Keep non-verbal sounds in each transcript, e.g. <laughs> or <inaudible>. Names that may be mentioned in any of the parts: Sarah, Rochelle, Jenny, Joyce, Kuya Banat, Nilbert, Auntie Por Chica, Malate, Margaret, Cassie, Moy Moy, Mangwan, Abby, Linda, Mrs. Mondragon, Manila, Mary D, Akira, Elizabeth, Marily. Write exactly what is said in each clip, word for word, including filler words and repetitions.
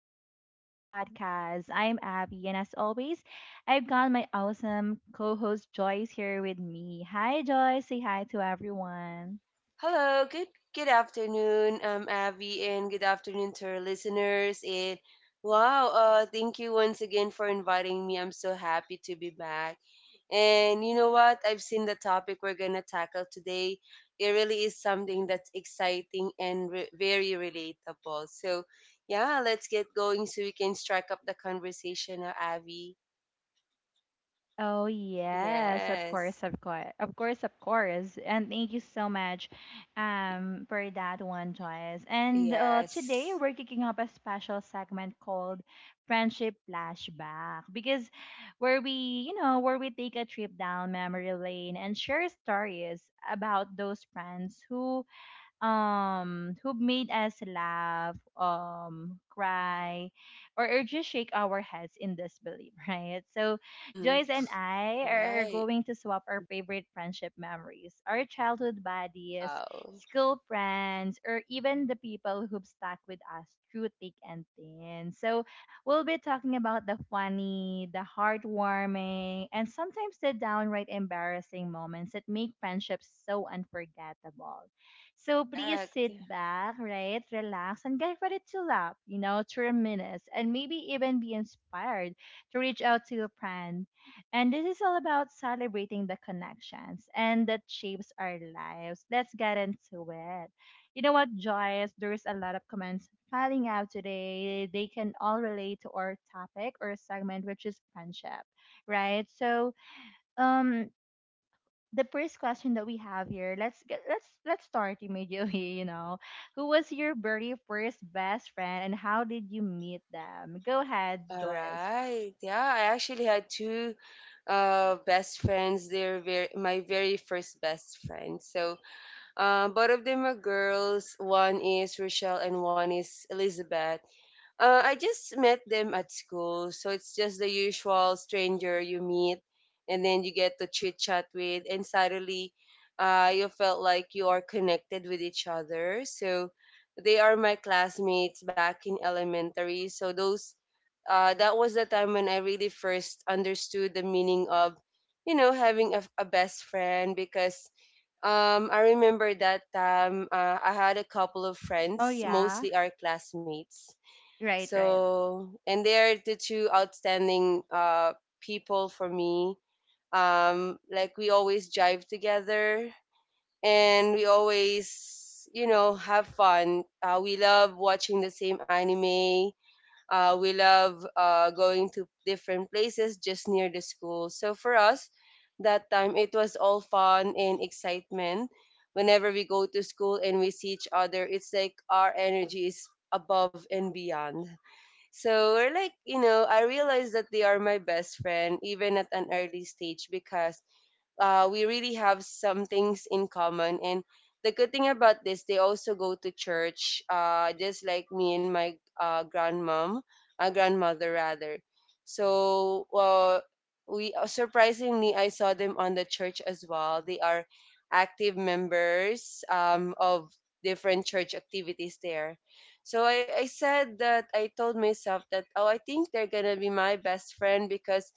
back to the podcast. I'm Abby, and as always, I've got my awesome co host Joyce here with me. Hi, Joyce. Say hi to everyone. Hello, good good afternoon, um, Abby, and good afternoon to our listeners. And wow, uh, thank you once again for inviting me. I'm so happy to be back. And you know what? I've seen the topic we're gonna tackle today. It really is something that's exciting and re- very relatable. So yeah, let's get going so we can strike up the conversation, uh, Abby. Oh yes, of course, Yes, of course, of course, of course. And thank you so much, um, for that one, Joyce. And uh, today yes, we're kicking up a special segment called Friendship Flashback because where we, you know, where we take a trip down memory lane and share stories about those friends who um who made us laugh, um cry or, or just shake our heads in disbelief, <laughs> right? So mm, Joyce and I are right. going to swap our favorite friendship memories, our childhood buddies, Wow, school friends, or even the people who've stuck with us through thick and thin. So we'll be talking about the funny, the heartwarming, and sometimes the downright embarrassing moments that make friendships so unforgettable. So please correct. sit back, right? Relax and get ready to laugh, you know, to reminisce and maybe even be inspired to reach out to a friend. And this is all about celebrating the connections and that shapes our lives. Let's get into it. You know what, Joyce? There's a lot of comments piling out today. They can all relate to our topic or segment, which is friendship, right? So, um, the first question that we have here, let's get let's let's start immediately, <laughs> you know. Who was your very first best friend and how did you meet them? Go ahead, All Joyce. right. Yeah, I actually had two uh best friends. They're very my very first best friends. So, uh, both of them are girls. One is Rochelle and one is Elizabeth. Uh, I just met them at school, so it's just the usual stranger you meet, and then you get to chit chat with, and suddenly, uh, you felt like you are connected with each other. So, they are my classmates back in elementary. So those uh, that was the time when I really first understood the meaning of, you know, having a, a best friend because um, I remember that time uh, I had a couple of Oh friends, yeah. mostly our classmates. Right, right. So, and they are the two outstanding uh, people for me. Um, like we always jive together and we always, you know, have fun. Uh, we love watching the same anime uh, we love uh, going to different places just near the school. So for us, that time it was all fun and excitement. Whenever we go to school and we see each other, it's like our energy is above and beyond. So we're like, you know, I realized that they are my best friend even at an early stage because uh, we really have some things in common. And the good thing about this, they also go to church, uh, just like me and my uh, grandmom, uh, grandmother rather. So uh, we uh, surprisingly, I saw them on the church as well. They are active members um, of different church activities there. So I, I said that I told myself that, oh, I think they're gonna be my best friend because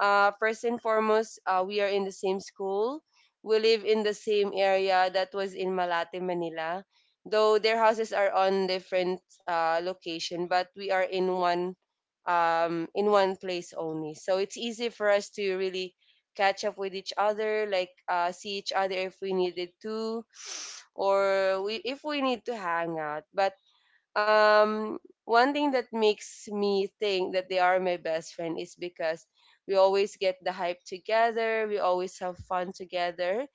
uh, first and foremost, uh, we are in the same school. We live in the same area that was in Malate, Manila. Though their houses are on different uh, location, but we are in one um, in one place only. So it's easy for us to really catch up with each other, like uh, see each other if we needed to, or we if we need to hang out. But um one thing that makes me think that they are my best friend is because we always get the hype together, we always have fun together,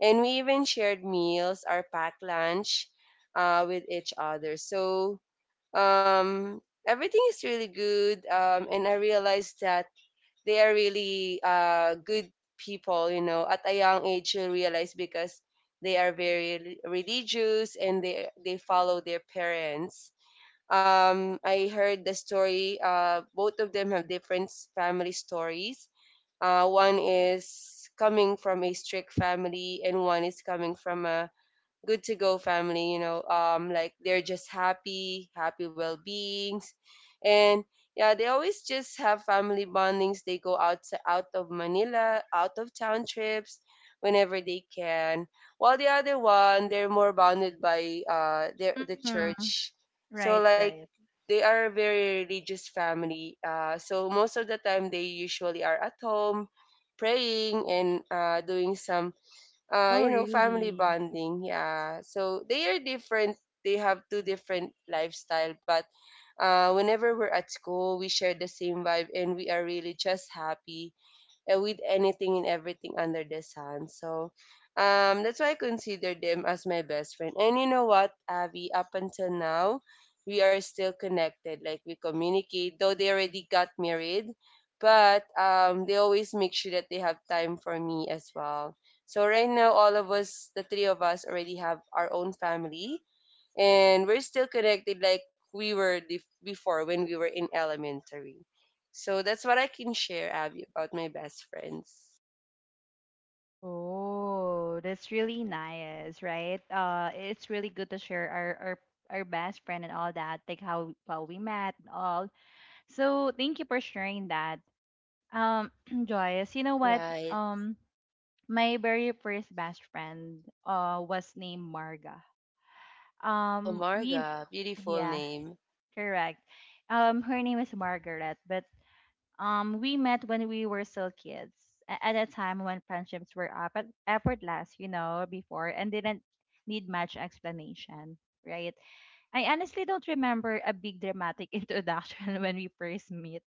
and we even shared meals, our packed lunch uh, with each other. So um everything is really good, um and I realized that they are really uh good people, you know, at a young age you realize, because they are very religious and they they follow their parents. um, I heard the story. Uh, both of them have different s- family stories. Uh, one is coming from a strict family, and one is coming from a good to go family, you know. Um, like they're just happy, happy well-beings. And yeah, they always just have family bondings. They go out to, out of Manila, out of town trips whenever they can. While the other one, they're more bounded by uh their the Mm-hmm. church. So Right, like right. they are a very religious family. Uh, so most of the time they usually are at home praying and uh, doing some uh, Oh you know, family really? bonding. Yeah. So they are different. They have two different lifestyle, but uh, whenever we're at school, we share the same vibe and we are really just happy uh, with anything and everything under the sun. So um, that's why I consider them as my best friend. And you know what, Abby, up until now, we are still connected. Like we communicate, though they already got married, but um, they always make sure that they have time for me as well. So right now, all of us, the three of us, already have our own family, and we're still connected like we were dif- before when we were in elementary. So that's what I can share, Abby, about my best friends. Oh, that's really nice, right? Uh it's really good to share our our our best friend and all that, like how how we met and all. So thank you for sharing that. Um, <clears throat> Joyce, you know what? Right. Um My very first best friend uh, was named Marga. Oh, Um, we, Marga, beautiful yeah, name. correct. Um, her name is Margaret, but um, we met when we were still kids, a- at a time when friendships were up at effortless, you know, before and didn't need much explanation, right? I honestly don't remember a big dramatic <laughs> introduction when we first meet.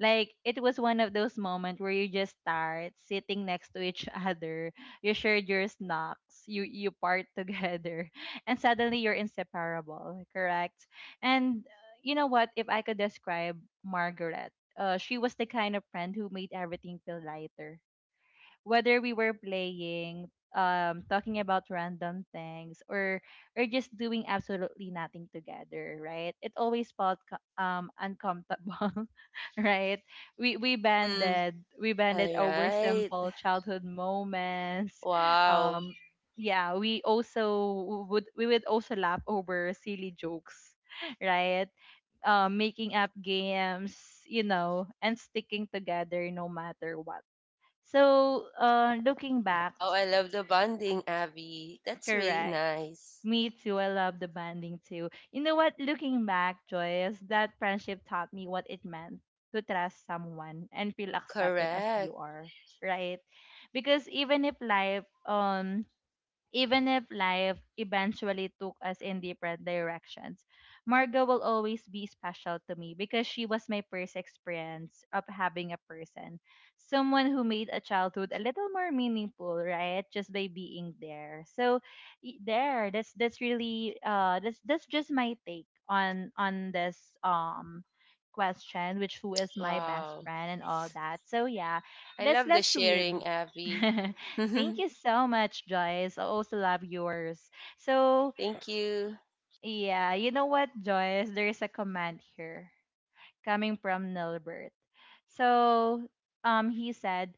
Like it was one of those moments where you just start sitting next to each other, you shared your snacks, you you part together, <laughs> and suddenly you're inseparable, correct? And uh, you know what? If I could describe Margaret. Uh, she was the kind of friend who made everything feel lighter. Whether we were playing, um, talking about random things, or or just doing absolutely nothing together, right? It always felt co- um uncomfortable, <laughs> right? We we Mm-hmm. banded, we banded All over right. simple childhood moments. Wow. Um, yeah, we also would we would also laugh over silly jokes, <laughs> right? uh, making up games, you know, and sticking together no matter what. So, uh, looking back, Wow, I love the bonding, Abby. That's really correct. nice. Me too. I love the banding too. You know what? Looking back, Joyce, that friendship taught me what it meant to trust someone and feel accepted as you Correct. are, right? Because even if life um Even if life eventually took us in different directions, Marga will always be special to me because she was my first experience of having a person, someone who made a childhood a little more meaningful, right? Just by being there. So y- there, that's that's really uh that's that's just my take on on this um question, which who is my best Wow. friend and all that. So yeah, I let's love the let's read. sharing, <laughs> Abby. <laughs> Thank Thank you so much, Joyce. I also love yours. So, you. yeah, you know what, Joyce? There is a comment here coming from Nilbert. So um, he said,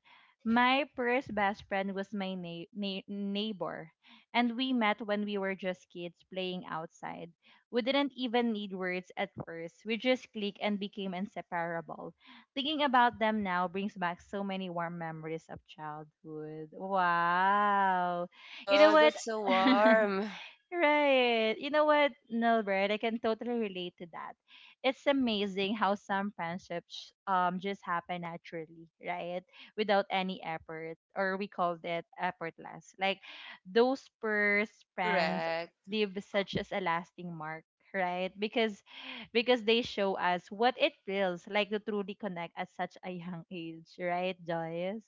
my first best friend was my na- na- neighbor, and we met when we were just kids playing outside. We didn't even need words at first, we just clicked and became inseparable. Thinking about them now brings back so many warm memories of childhood. Wow. You know Wow, what? that's so <laughs> warm. Right. You know what, Nilbert? I can totally relate to that. It's amazing how some friendships um just happen naturally, right? Without any effort, or we call that effortless. Like those first friends Correct. leave such as a lasting mark, right? Because because they show us what it feels like to truly connect at such a young age, right, Joyce?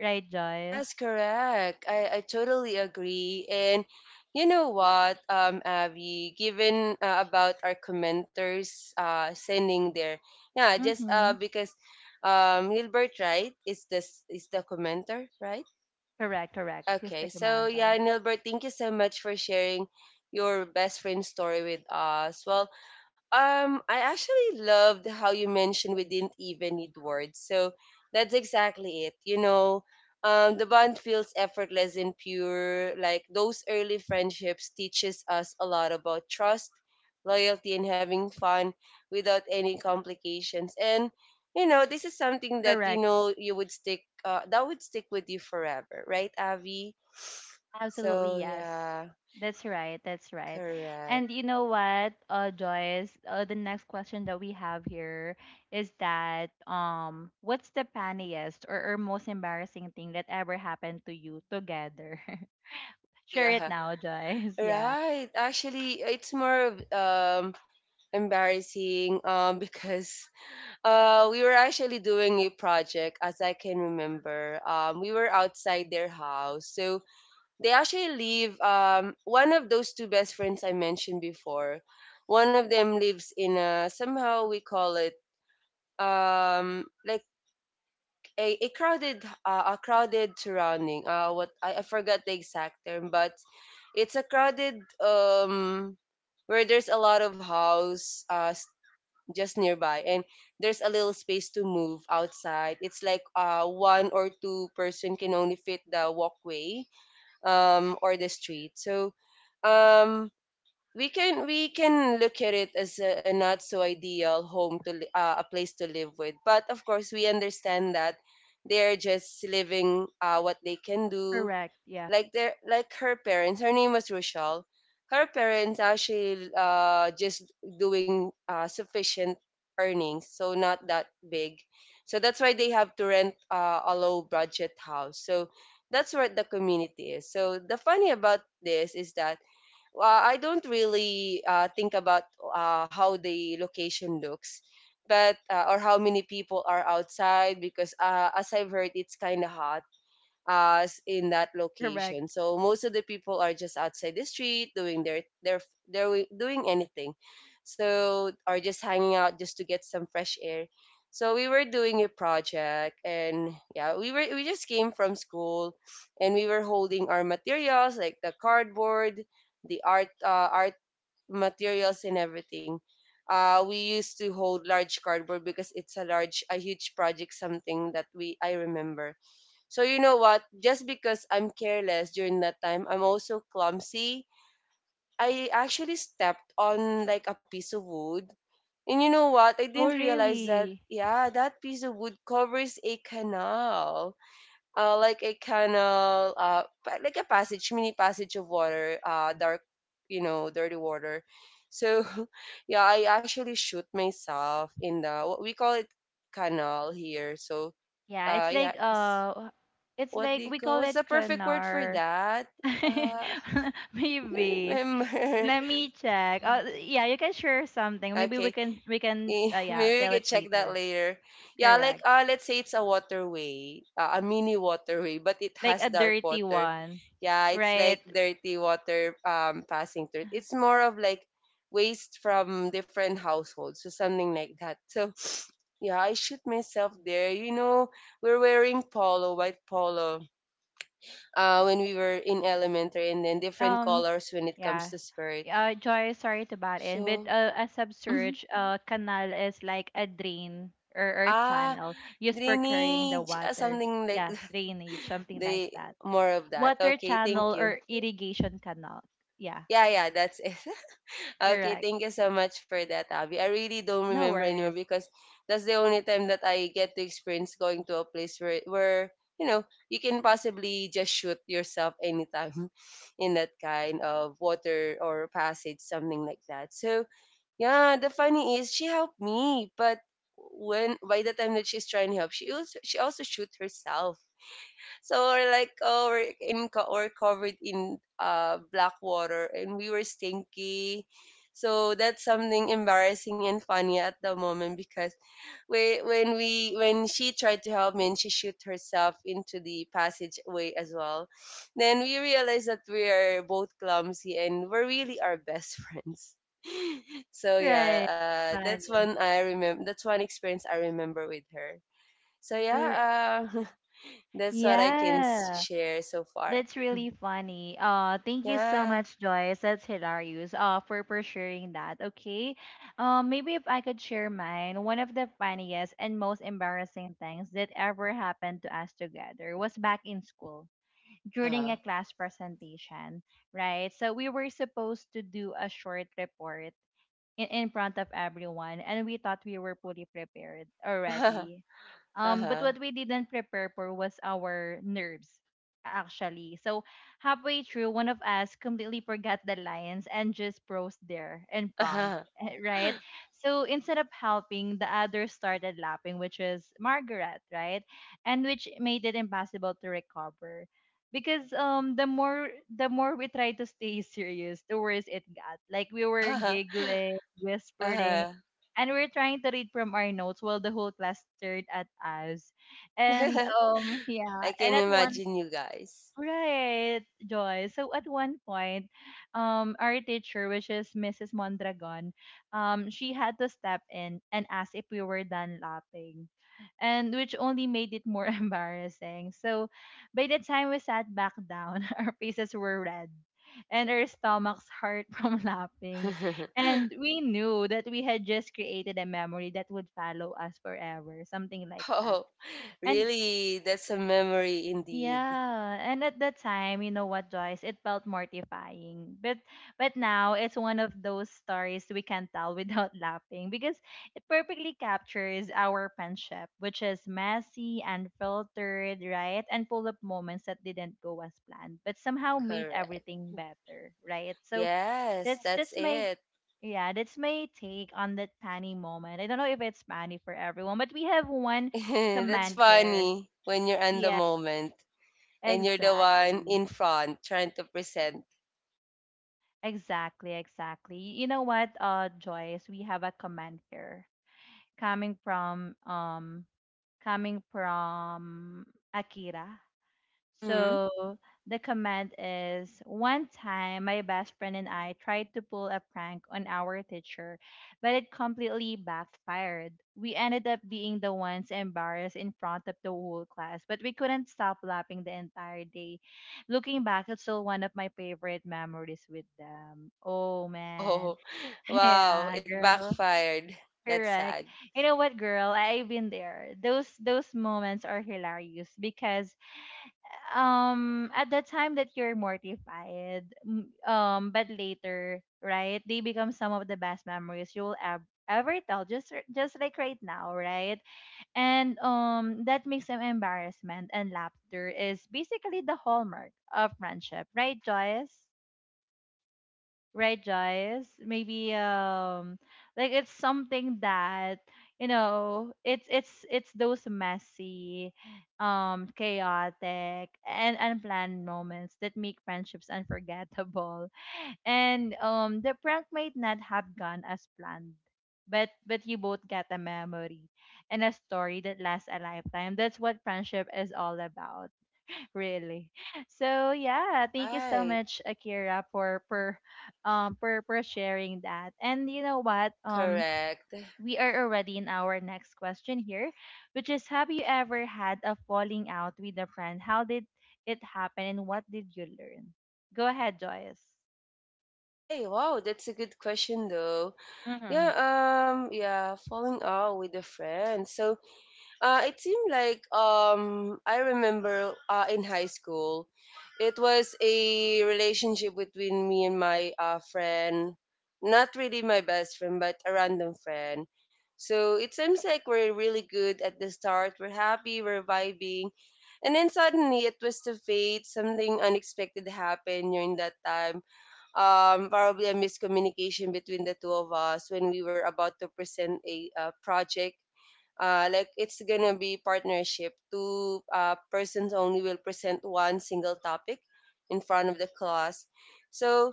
Right, Joyce? Yes, correct. I, I totally agree. And you know what, um, Abby, given uh, about our commenters uh, sending their, yeah, just uh, Mm-hmm. because um, Nilbert, right, is this is the commenter, right? Correct, correct. He's the Okay, so commander. yeah, Nilbert, thank you so much for sharing your best friend story with us. Well, um, I actually loved how you mentioned we didn't even need words. So that's exactly it. You know, um, the bond feels effortless and pure. Like those early friendships teaches us a lot about trust, loyalty, and having fun without any complications. And you know, this is something that you Correct. know you would stick. Uh, that would stick with you forever, right, Avi? Absolutely, So yes. yeah, That's right. That's right. correct. And you know what, uh, Joyce, uh, the next question that we have here is that um, what's the funniest or, or most embarrassing thing that ever happened to you together? Oh <laughs> Share it yeah. now, Joyce. <laughs> Yeah. Right. Actually, it's more of, um embarrassing um <laughs> because uh we were actually doing a project, as I can remember. Um, we were outside their house. So they actually live, um one of those two best friends I mentioned before. One of them lives in a, somehow we call it um like a, a crowded uh, a crowded surrounding, uh what I, I forgot the exact term, but it's a crowded um where there's a lot of house uh s- just nearby, and there's a little space to move outside. It's like uh one or two person can only fit the walkway um or the street. So um we can we can look at it as a, a not so ideal home to li- uh, a place to live with, but of course we understand that they're just living uh, what they can do. Correct. Yeah. Like their like her parents, her name was Rochelle, her parents actually uh just doing uh sufficient earnings, so not that big. So that's why they have to rent uh, a low budget house. So that's what the community is. So the funny about this is that uh, I don't really uh, think about uh, how the location looks, but uh, or how many people are outside because uh, as I've heard, it's kind of hot us in that Correct. location. So most of the people are just outside the street doing their their their wi- doing anything. So are just hanging out just to get some fresh air. So we were doing a project and yeah, we were, we just came from school, and we were holding our materials like the cardboard, the art uh, art materials and everything. Uh, we used to hold large cardboard because it's a large a huge project, something that we I remember. So you know what? Just because I'm careless during that time, I'm also clumsy. I actually stepped on like a piece of wood. And you know what? I Oh, didn't realize that, really? yeah, that piece of wood covers a canal. Uh, like a canal, uh, pa- like a passage, mini passage of water, uh, dark, you know, dirty water. So, <laughs> yeah, I actually shoot myself in the, what we call it, canal here. So, Yeah. uh, It's yeah, like uh, it's what do like you we call, call what's the it perfect word for kanar. that? Uh, <laughs> <laughs> I don't Maybe. remember. Let <laughs> me check. Oh, yeah, you can share something. Maybe we Okay, can we can eh, uh, yeah, maybe we tell can it check that later. later. Yeah, like Correct. uh, let's say it's a waterway, uh, a mini waterway, but it Like has a dark dirty water. one. Yeah, it's like Right. dirty water um passing through it. It's more of like waste from different households, so something like that. So yeah, I shoot myself there. You know, we're wearing polo, white polo uh, when we were in elementary, and then different Um colors when it comes yeah. to skirt. Uh Joy, sorry to butt in, but So, uh, a mhm, subsurge uh canal is like a drain or, or ah, channel used for carrying the drainage, ah, water. something like Yeah, <laughs> drainage, something like the that. more of that. Water Okay, thank channel you. or irrigation canal. Yeah, Yeah, yeah, that's it. Okay, correct. thank you so much for that, Abby. I really don't No remember anymore worries. because that's the only time that I get to experience going to a place where where you know you can possibly just shoot yourself anytime <laughs> in that kind of water or passage, something like that. So yeah, the funny is she helped me, but when by the time that she's trying to help, she also she also shoot herself. So we're like, oh, we're in co- we're covered in uh black water, and we were stinky. So that's something embarrassing and funny at the moment because we, when we, when she tried to help me and she shoot herself into the passageway as well, then we realized that we are both clumsy and we're really our best <laughs> friends. So Right. yeah, uh, that's Funny. one I remember. That's one experience I remember with her. So Er, yeah, uh, <laughs> That's what I can s- yeah. share so far. That's really funny. Uh thank you so Yeah. much, Joyce. That's hilarious. Uh for for sharing that. Okay. Um maybe if I could share mine, one of the funniest and most embarrassing things that ever happened to us together was back in school during Uh-huh. a class presentation, right? So we were supposed to do a short report in, in front of everyone and we thought we were fully prepared Uh-huh. already, um but Uh-huh. what we didn't prepare for was our nerves actually. So halfway through one of us completely forgot the lines and just froze there in Uh-huh. front, Uh-huh. <laughs> right? So instead of helping the other started laughing, which is Margaret, right? And which made it impossible to recover, because um the more the more we try to stay serious, the worse it got. Like we were <laughs> <laughs> giggling, whispering, and we were trying to read from our notes while the whole class stared at us. And um <laughs> yeah, I and can at one imagine you guys. right, Joy. So at one point, um, our teacher, which is Missus Mondragon, um, she had to step in and ask if we were done laughing, and which only made it more <laughs> embarrassing. So by the time we sat back down, <laughs> our faces were red and our stomachs hurt <laughs> from laughing. <laughs> And we knew that we had just created a memory that would follow us forever, something like that. oh, And Really? That's a memory indeed. yeah, and at that time, you know what, Joyce, it felt mortifying. But but now it's one of those stories we can tell without <laughs> laughing, because it perfectly captures our friendship, which is messy, unfiltered, right? And full of moments that didn't go as planned, but somehow made Correct. everything better, right? So Yes, that's that's that's my it. yeah, that's my take on that funny moment. I don't know if it's funny for everyone, but we have one <laughs> that's command Mm-hmm. here. funny when you're on the Yeah, moment and you're the one exactly. in front trying to present. Exactly, exactly. You know what, uh, Joyce, we have a comment here coming from um coming from Akira. Mm-hmm. So the command is, one time my best friend and I tried to pull a prank on our teacher, but it completely backfired. We ended up being the ones embarrassed in front of the whole class, but we couldn't stop laughing the entire day. Looking back, it's still one of my favorite memories with them. Oh man. Oh, <laughs> <laughs> wow. Yeah, It girl. backfired. That's Correct. sad. You know what, girl? I- I've been there. Those those moments are hilarious because um at the time that you're mortified m- um but later, right, they become some of the best memories you will ev- ever tell, just r- just like right now, right? And um that makes them embarrassment and laughter is basically the hallmark of friendship, right, Joyce? Right, guys? Maybe um like it's something that, you know, it's it's it's those messy, um chaotic and unplanned moments that make friendships unforgettable, <laughs> and um the prank might not have gone as planned, but but you both get a memory and a story that lasts a lifetime. That's what friendship is all about. Really. So yeah, thank you so Right. much, Akira, for for um for for sharing that. And you know what? Um Correct. we are already in our next question here, which is, have you ever had a falling out with a friend? How did it happen and what did you learn? Go ahead, Joyce. Hey, wow, that's a good question though. Yeah, Mhm. um, yeah, falling out with a friend. So Uh, it seemed like um, I remember uh, in high school, it was a relationship between me and my uh, friend. Not really my best friend, but a random friend. So it seems like we're really good at the start. We're happy, we're vibing. And then suddenly a twist of fate, something unexpected happened during that time. Um, probably a miscommunication between the two of us when we were about to present a uh, project, uh, like it's gonna be partnership, two uh, persons only will present one single topic in front of the class. So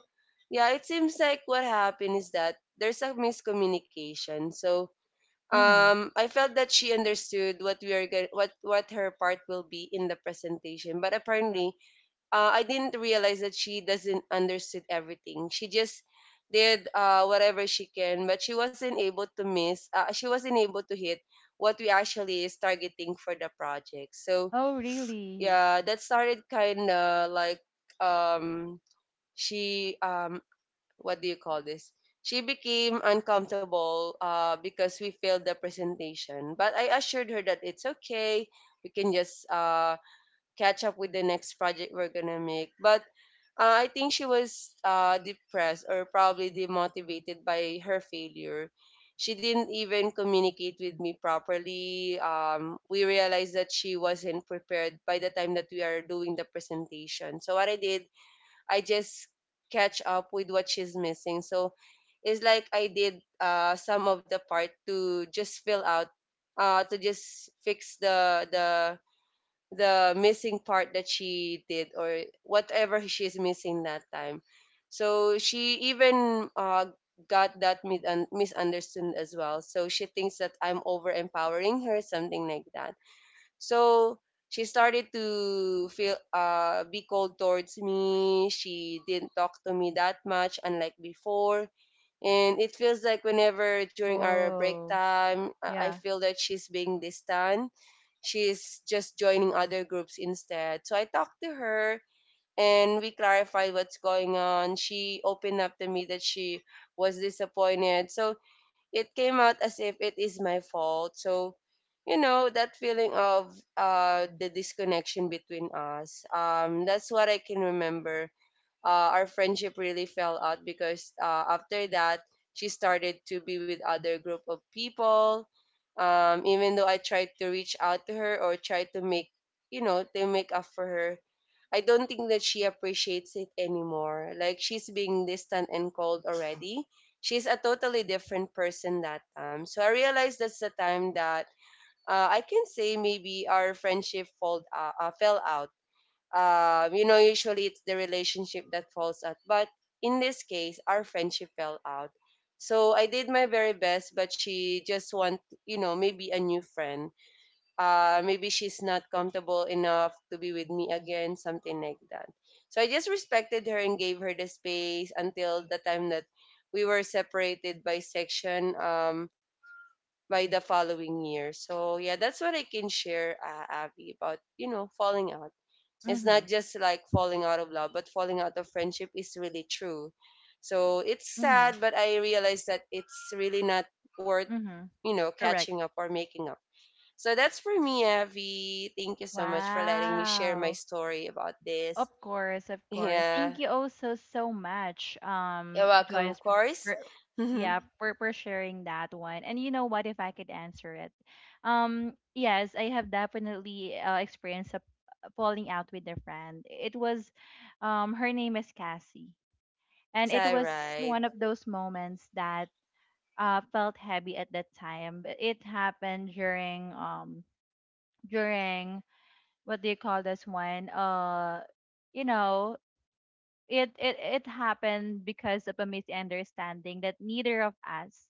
yeah, it seems like what happened is that there's a miscommunication. So Mhm. um, I felt that she understood what we are going, what what her part will be in the presentation, but apparently uh, I didn't realize that she doesn't understood everything. She just did uh, whatever she can, but she wasn't able to miss. Uh, she wasn't able to hit what we actually is targeting for the project. So Oh, really? yeah, that started kind of like, um, she um, what do you call this? She became uncomfortable uh, because we failed the presentation. But I assured her that it's okay. We can just uh, catch up with the next project we're gonna make. But uh, I think she was uh, depressed or probably demotivated by her failure. She didn't even communicate with me properly. Um, we realized that she wasn't prepared by the time that we are doing the presentation. So what I did, I just catch up with what she's missing. So it's like I did uh, some of the part to just fill out, uh, to just fix the the the missing part that she did or whatever she's missing that time. So she even uh, got that mid- un- misunderstood as well. So she thinks that I'm over empowering her, something like that. So she started to feel uh be cold towards me. She didn't talk to me that much, unlike before. And it feels like whenever during our break Oh, time, I I yeah. feel that she's being distant. She's just joining other groups instead. So I talked to her, and we clarified what's going on. She opened up to me that she was disappointed. So it came out as if it is my fault. So, you know, that feeling of uh, the disconnection between us. Um, that's what I can remember. Uh, our friendship really fell out because uh, after that she started to be with other group of people, um, even though I tried to reach out to her or try to make, you know, to make up for her, I don't think that she appreciates it anymore. Like she's being distant and cold already. She's a totally different person that time. So I realized that's the time that uh, I can say maybe our friendship fold, uh, uh, fell out. Um, you know, usually it's the relationship that falls out. But in this case, our friendship fell out. So I did my very best, but she just want, you know, maybe a new friend. Uh, maybe she's not comfortable enough to be with me again, something like that. So I just respected her and gave her the space until the time that we were separated by section, um, by the following year. So yeah, that's what I can share, uh, Abby, about, you know, falling out. It's Mhm. not just like falling out of love, but falling out of friendship is really true. So it's Mhm. sad, but I realize that it's really not worth, Mhm. you know, Correct. catching up or making up. So that's for me, Avi. Thank you so much for letting me share my Wow. story about Of this. course, of <laughs> course. Yeah. Thank you also so much, You're um, welcome, Joyce, of for, course. for- <laughs> it's yeah, for, for sharing that one. And you know what, if I could answer it, um, yes, I have definitely uh, experienced a a falling out with a friend. It was, um, her name is Cassie, and it all was right. one of those moments that uh felt heavy at that time. But it happened during um during what do you call this one? Uh, you know, it it it happened because of a misunderstanding that neither of us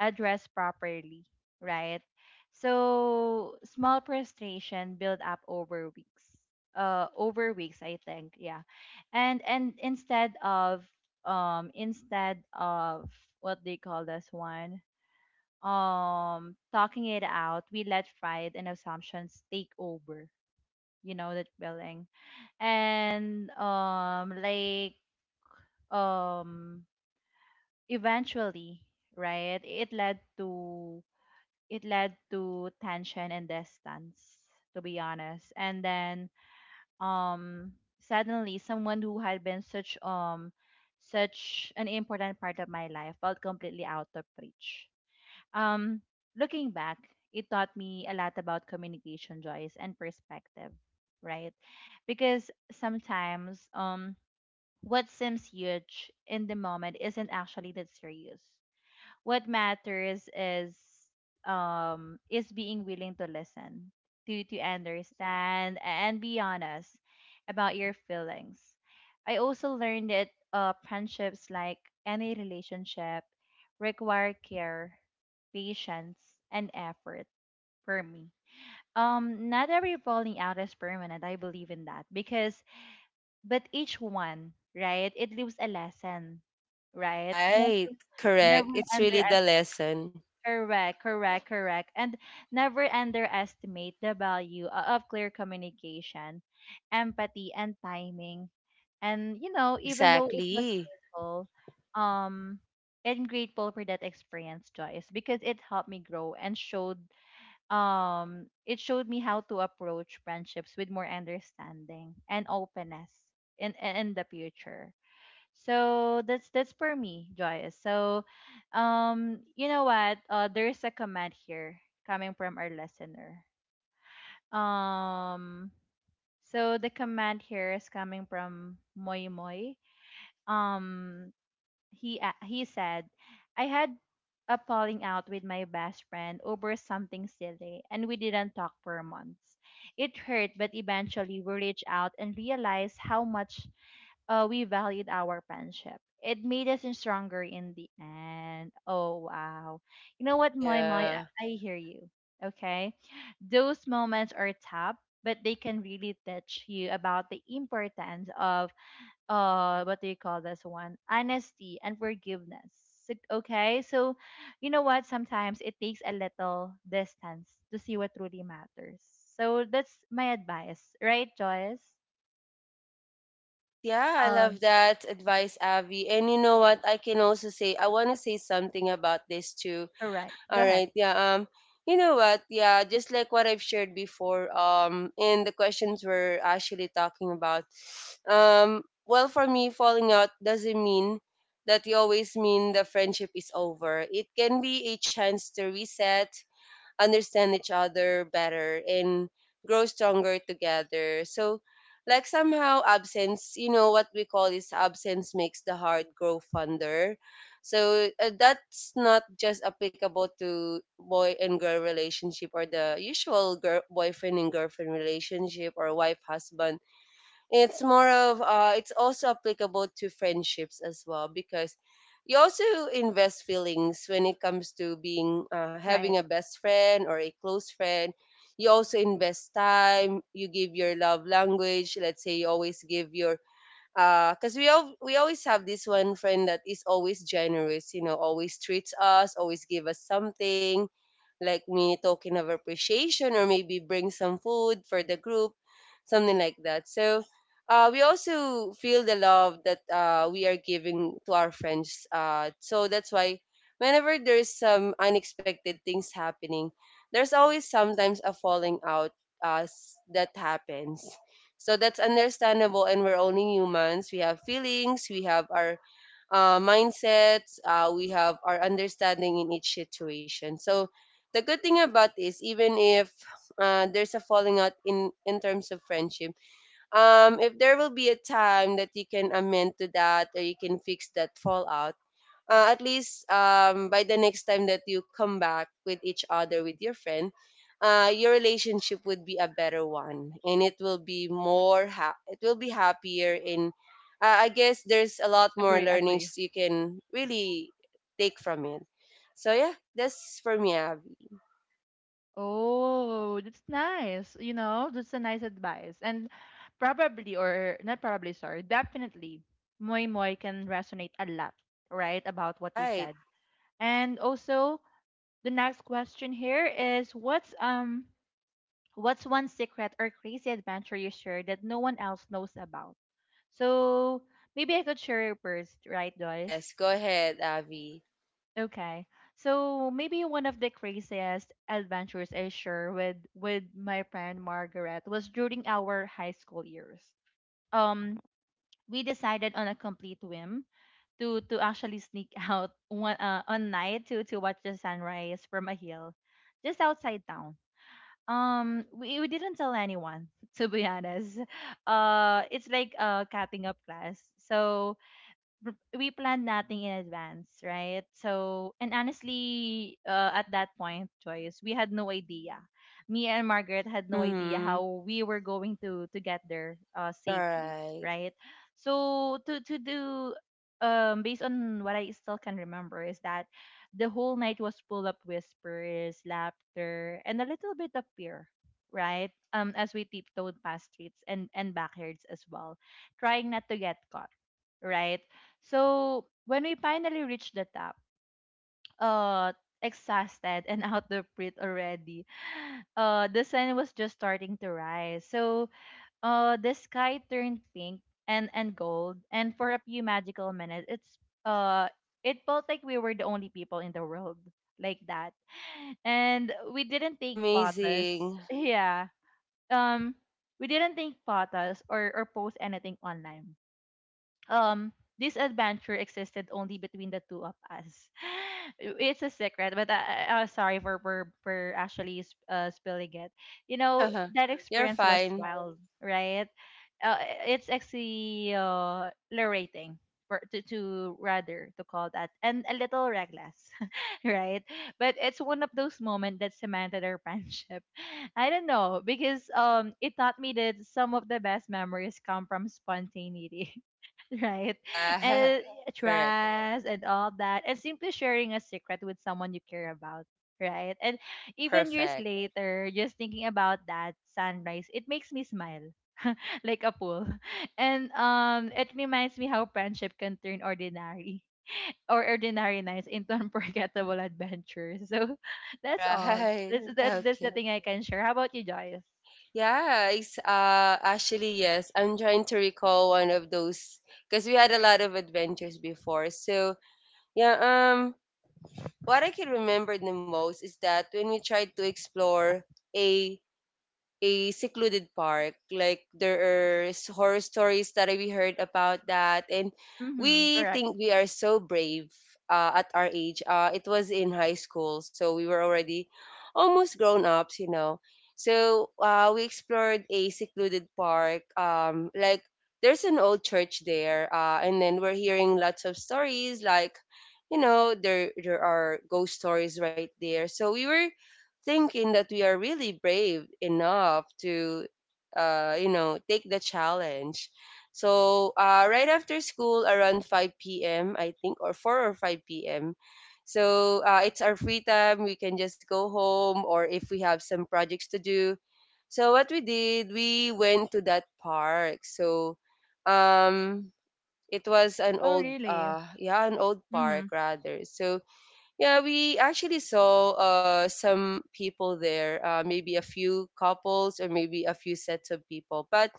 addressed properly, right? So small frustration build up over weeks. Uh over weeks, I think. Yeah. And and instead of um instead of what they call this one um talking it out, we let pride and assumptions take over, you know that feeling. And um like um eventually right It led to it led to tension and distance, to be honest. And then um Suddenly, someone who had been such um such an important part of my life felt completely out of reach. um Looking back, it taught me a lot about communication, joys, and perspective, right? Because sometimes um what seems huge in the moment isn't actually that serious. What matters is um is being willing to listen, to to understand, and be honest about your feelings. I also learned that uh friendships, like any relationship, require care, patience, and effort, for me. Um not every falling out is permanent. I believe in that, because but each one, right, it leaves a lesson, right? Right. Never, never Correct. It's really the underestimate. lesson. Correct, correct, correct. And never underestimate the value o- of clear communication, empathy, and timing. And, you know, even though it was Exactly. painful, um, I'm grateful for that experience, Joyce, because it helped me grow and showed um it showed me how to approach friendships with more understanding and openness in in the future. So that's that's for me, joyous. So um you know what, uh there's a comment here coming from our listener. um so the comment here is coming from Moy Moy. um he a he said, "I had a falling out with my best friend over something silly, and we didn't talk for months. It hurt, but eventually we reached out and realized how much uh, we valued our friendship. It made us stronger in the end." Oh wow! You know what, Moy Moy? Yeah. I, I hear you. Okay, those moments are tough. But they can really teach you about the importance of uh what do you call this one honesty and forgiveness. So- okay so you know what, sometimes it takes a little distance to see what truly matters. So that's my advice, right, Joyce? Right. Yeah, I um love that advice, Avi. And you know what? I can also say, I want to say something about this too. Correct, All go ahead. right. Yeah. Um. You know what? Yeah. Just like what I've shared before. Um. In the questions we're actually talking about. Um. Well, for me, falling out doesn't mean that you always mean the friendship is over. It can be a chance to reset, understand each other better, and grow stronger together. So, like somehow absence, you know what we call is absence makes the heart grow fonder. So uh, that's not just applicable to boy and girl relationship or the usual girl boyfriend and girlfriend relationship or wife husband. It's more of uh, it's also applicable to friendships as well, because you also invest feelings when it comes to being, uh, having Right. a best friend or a close friend. You also invest time. You give your love language. Let's say you always give your, because we al- we always have this one friend that is always generous, you know, always treats us, always give us something, like mini token of appreciation, or maybe bring some food for the group, something like that. So uh, we also feel the love that uh, we are giving to our friends. Uh, so that's why whenever there's some unexpected things happening, there's always sometimes a falling out uh, s- that happens. So that's understandable, and we're only humans. We have feelings, we have our uh, mindsets, uh, we have our understanding in each situation. So the good thing about this, even if uh, there's a falling out in in terms of friendship, um, if there will be a time that you can amend to that or you can fix that fallout, uh, at least um, by the next time that you come back with each other with your friend, uh, your relationship would be a better one and it will be more ha- it will be happier, and uh, I guess there's a lot more Agree, agree. learnings you can really take from it. So yeah, that's for me, Abby. Oh, that's nice, you know. That's a nice advice. And probably, or not probably, sorry, definitely Moy Moy can resonate a lot, right, about what you Right. said. And also, the next question here is what's um what's one secret or crazy adventure you shared that no one else knows about? So maybe I could share it first, right, guys? Yes, go ahead, Abby. Okay. So maybe one of the craziest adventures I share with with my friend Margaret was during our high school years. Um, we decided on a complete whim to to actually sneak <laughs> out one uh, one night to to watch the sunrise from a hill just outside town. Um we, we didn't tell anyone <laughs> to be honest. Uh it's like a cutting up class. So r- we planned nothing in advance, right? So, and honestly, uh, at that point, Joyce, we had no idea. Me and Margaret had no idea Hmm. how we were going to to get there uh, All safely, right. right? So, to to do um based on what I still can remember is that the whole night was full of whispers, laughter, and a little bit of fear, right? Um, as we tiptoed past streets and and backyards as well, trying not to get caught, right? So when we finally reached the top, uh, exhausted and <laughs> out of breath already, uh, the sun was just starting to rise. So uh, the sky turned pink and and gold, and for a few magical minutes, it's uh, it felt like we were the only people in the world like that. And we didn't Oh, take photos. <laughs> amazing. Yeah. Um. We didn't take photos, or, or post anything online. um this adventure existed only between the two of us. <gasps> <laughs> It's a secret, but I, I, uh, sorry for for, for actually s- uh, spilling it. You know <laughs> that You're experience was fine. wild, right? Uh, it's actually uh, liberating, for, to to rather to call that, and a little reckless, <laughs> right? But it's one of those moments that cemented our <laughs> friendship. I don't know, because um it taught me that some of the best memories come from spontaneity, <laughs> right? Yeah. And <laughs> Correct. trust and all that, and simply sharing a secret with someone you care about, right? And even years Perfect. later, just thinking about that sunrise, it makes me smile <laughs> like a pool, <laughs> and um, it reminds me how friendship can turn ordinary or ordinary nights into unforgettable adventures. <laughs> So that's all. Right. That's that's that's the Okay. thing I can share. How about you, Joyce? Yeah, it's uh actually, yes. I'm trying to recall one of those because we had a lot of adventures before. So yeah, um, what I can remember the most is that when we tried to explore a a secluded park. Like there are s- horror stories that we heard about that, and Mm-hmm. we Correct. think we are so brave uh, at our age. Uh, it was in high school, so we were already almost grown ups, you know. So uh, we explored a secluded park. Um, like there's an old church there, uh, and then we're hearing lots of stories, like, you know, there there are ghost stories right there. So we were thinking that we are really brave enough to uh, you know, take the challenge. So uh, right after school around five p m p.m I think, or four or five p m p.m. So uh, it's our free time, we can just go home or if we have some projects to do. So what we did, we went to that park. So um, it was an Oh old really? uh yeah an old park Mm-hmm. rather. So yeah, we actually saw uh, some people there, uh, maybe a few couples or maybe a few sets of people. But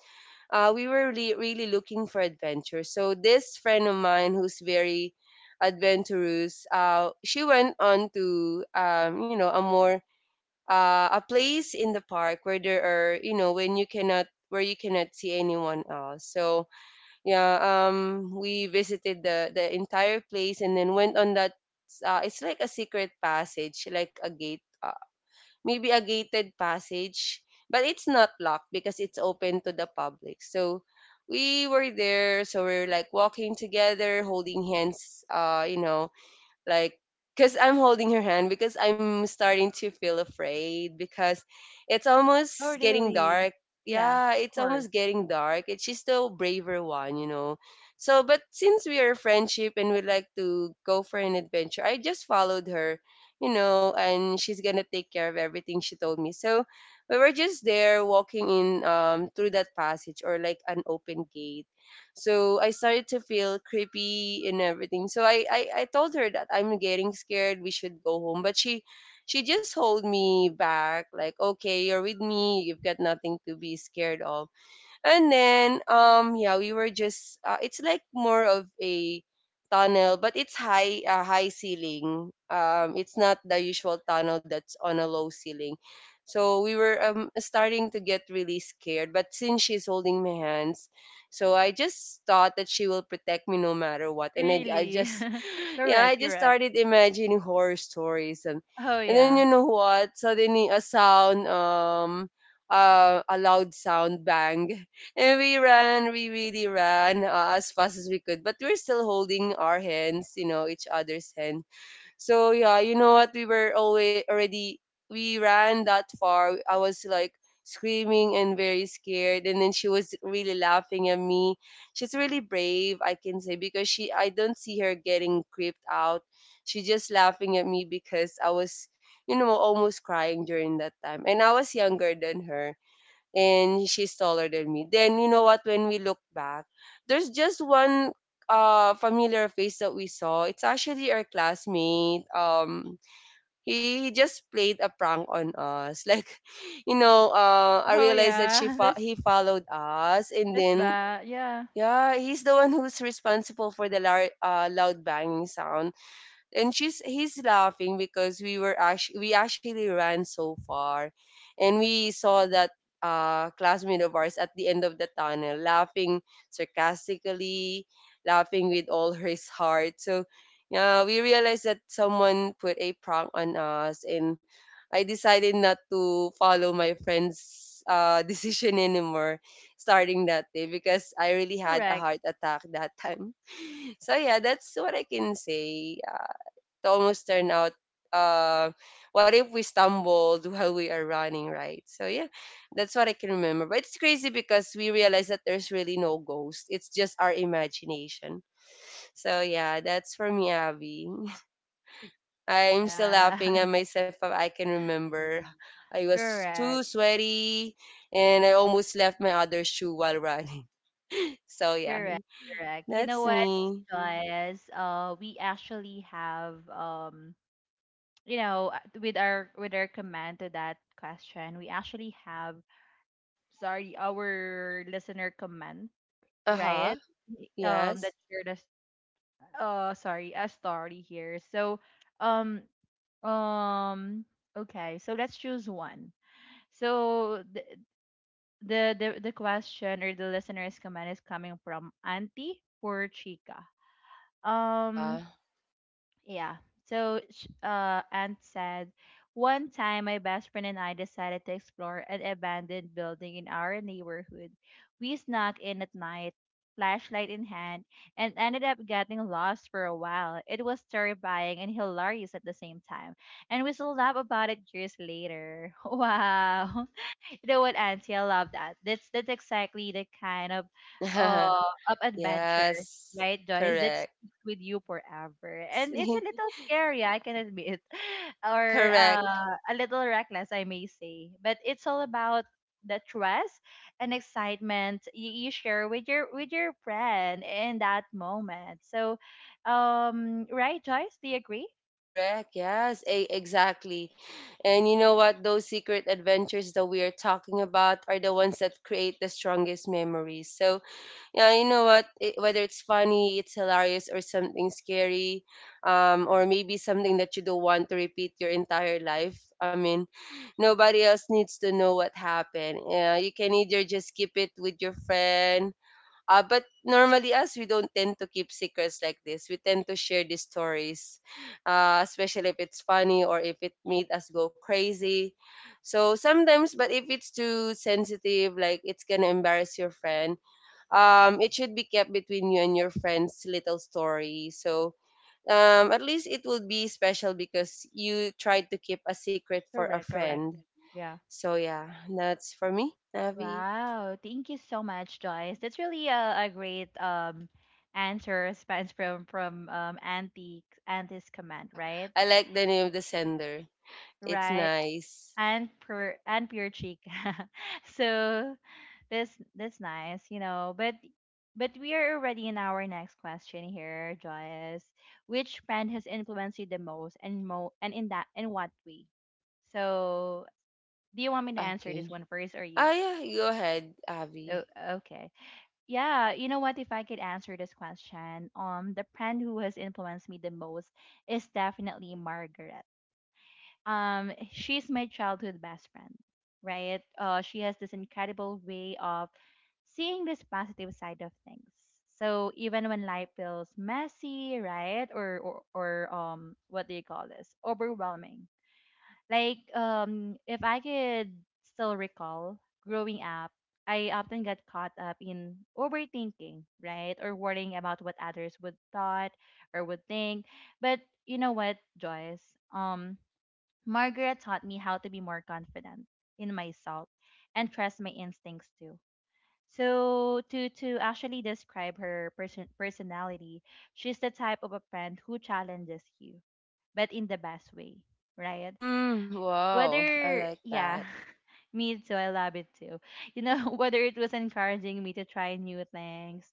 uh, we were really, really looking for adventure. So this friend of mine who's very adventurous, uh, she went on to um, you know, a more uh, a place in the park where there are, you know, when you cannot where you cannot see anyone else. So yeah, um, we visited the the entire place and then went on that. Uh, it's like a secret passage, like a gate, uh, maybe a gated passage, but it's not locked because it's open to the public. So we were there, so we are like walking together, holding hands. Uh, you know, like, because I'm holding her hand because I'm starting to feel afraid because it's Oh almost getting really? dark. Yeah, Yeah, of it's course. almost getting dark, and she's the braver one, you know. So but since we are friendship and we like to go for an adventure, I just followed her, you know, and she's gonna take care of everything, she told me. So we were just there walking in um through that passage or like an open gate. So I started to feel creepy and everything. So I, I, I told her that I'm getting scared. We should go home. But she she just hold me back, like, okay, you're with me. You've got nothing to be scared of. And then um yeah, we were just uh, it's like more of a tunnel, but it's high, uh, high ceiling. Um it's not the usual tunnel that's on a low ceiling. So we were um starting to get really scared, but since she's holding my hands, so I just thought that she will protect me no matter what. and i, I Really? just <laughs> yeah, I Correct, just correct. started imagining horror stories, and Oh and then you yeah. know what? Suddenly, a sound, um, uh, a loud sound bang, <laughs> and we ran. We really ran uh, as fast as we could, but we we're still holding our hands, you know, each other's hand. So yeah, you know what? We were always already We ran that far. I was like screaming and very scared, and then she was really laughing at me. She's really brave, I can say, because she I don't see her getting creeped out. She's just laughing at me because I was, you know, almost crying during that time, and I was younger than her, and she's taller than me. Then you know what? When we look back, there's just one uh familiar face that we saw. It's actually our classmate. Um, he, he just played a prank on us. <laughs> Like, you know, uh, I Oh realized that she yeah. <laughs> fo- That's he followed us, and that's then bad. Yeah. yeah, he's the one who's responsible for the lar- uh, loud banging sound. And she's He's laughing because we were actually we actually ran so far, and we saw that uh, classmate of ours at the end of the tunnel laughing sarcastically, laughing with all <laughs> his heart. So yeah, we realized that someone put a prank on us, and I decided not to follow my friend's uh, <laughs> decision anymore starting that day, because I really had a Correct. heart attack that time. <laughs> So yeah, that's what I can say. Uh, to almost turn out uh, what if we stumbled while we are running, right? So yeah, that's what I can remember. But it's crazy because we realize that there's really no ghost. It's just our imagination. So yeah, that's for me, Abby. <laughs> I'm still Yeah. laughing at <laughs> myself, but I can remember I was too Correct. sweaty, and I almost left my other shoe while running. <laughs> So yeah, Correct. Correct. You know that's what, me. Joyce? Uh we actually have um you know uh, with our with our comment to that question, we actually have, sorry, our listener comment, Uh right? huh. Um that Yes. shared us, uh sorry, a story here. So um Um. Okay, so let's choose one. So the the the, the question, or the listener's comment, is coming from Auntie Por Chica. Um. Uh Yeah. So sh- uh, Aunt said, "One time, my best friend and I decided to explore an abandoned building in our neighborhood. We snuck in at night, flashlight in hand, and ended up getting lost for a while. It was terrifying and hilarious at the same time, and we still laugh about it years later." <laughs> Wow. You know what, Auntie? I love that. That's that's exactly the kind of huh. <laughs> uh of adventure, Yes, right, Joyce? That sticks correct. with you forever. And it's a <laughs> little scary, I can admit, <laughs> or Correct. uh, a little reckless, I may say. But it's all about the trust and excitement you, you share with your with your friend in that moment. So, um, right, Joyce? Do you agree? Correct. Yes, a exactly. And you know what? Those secret adventures that we are talking about are the ones that create the strongest memories. So, yeah, you know what? It, whether it's funny, it's hilarious, or something scary, um, or maybe something that you don't want to repeat your entire life. I mean, nobody else needs to know what happened. Yeah, you can either just keep it with your friend. Uh, but normally us, we don't tend to keep secrets like this. We tend to share these stories, uh, especially if it's funny or if it made us go crazy. So sometimes, but if it's too sensitive, like it's gonna embarrass your friend, um, it should be kept between you and your friend's little story. So um, at least it will be special because you tried to keep a secret for a Correct, correct. friend. Yeah. So yeah, that's for me, Navi. <laughs> Wow, thank you so much, Joyce. That's really a, a great um answer response from from um Auntie, Auntie's command, Ha, right? I like the name of the sender. It's Right. nice. And pure, and pure cheek. <laughs> So that's that's nice, you know. But but we are already in our next question here, Joyce. Which brand has influenced you the most and mo and in that in what way? So do you want me to answer this Okay. one first, or Ah, you? yeah. Go ahead, Oh, Abby. okay. Yeah, you know what? If I could answer this question, um, the friend who has influenced me the most is definitely Margaret. Um, she's my childhood best friend, right? Uh, she has this incredible way of seeing this positive side of things. So even when life feels messy, right, or or, or um, what do you call this? Overwhelming. Like, um, if I could still recall growing up, I often got caught up in overthinking, right? Or worrying about what others would thought or would think. But you know what, Joyce? Um, Margaret taught me how to be more confident in myself and trust my instincts too. So to to actually describe her person personality, she's the type of a friend who challenges you, but in the best way, right? Mm, wow. I Whether, like yeah, that. <laughs> me too, I love it too, you know. <laughs> Whether it was encouraging me to try new things,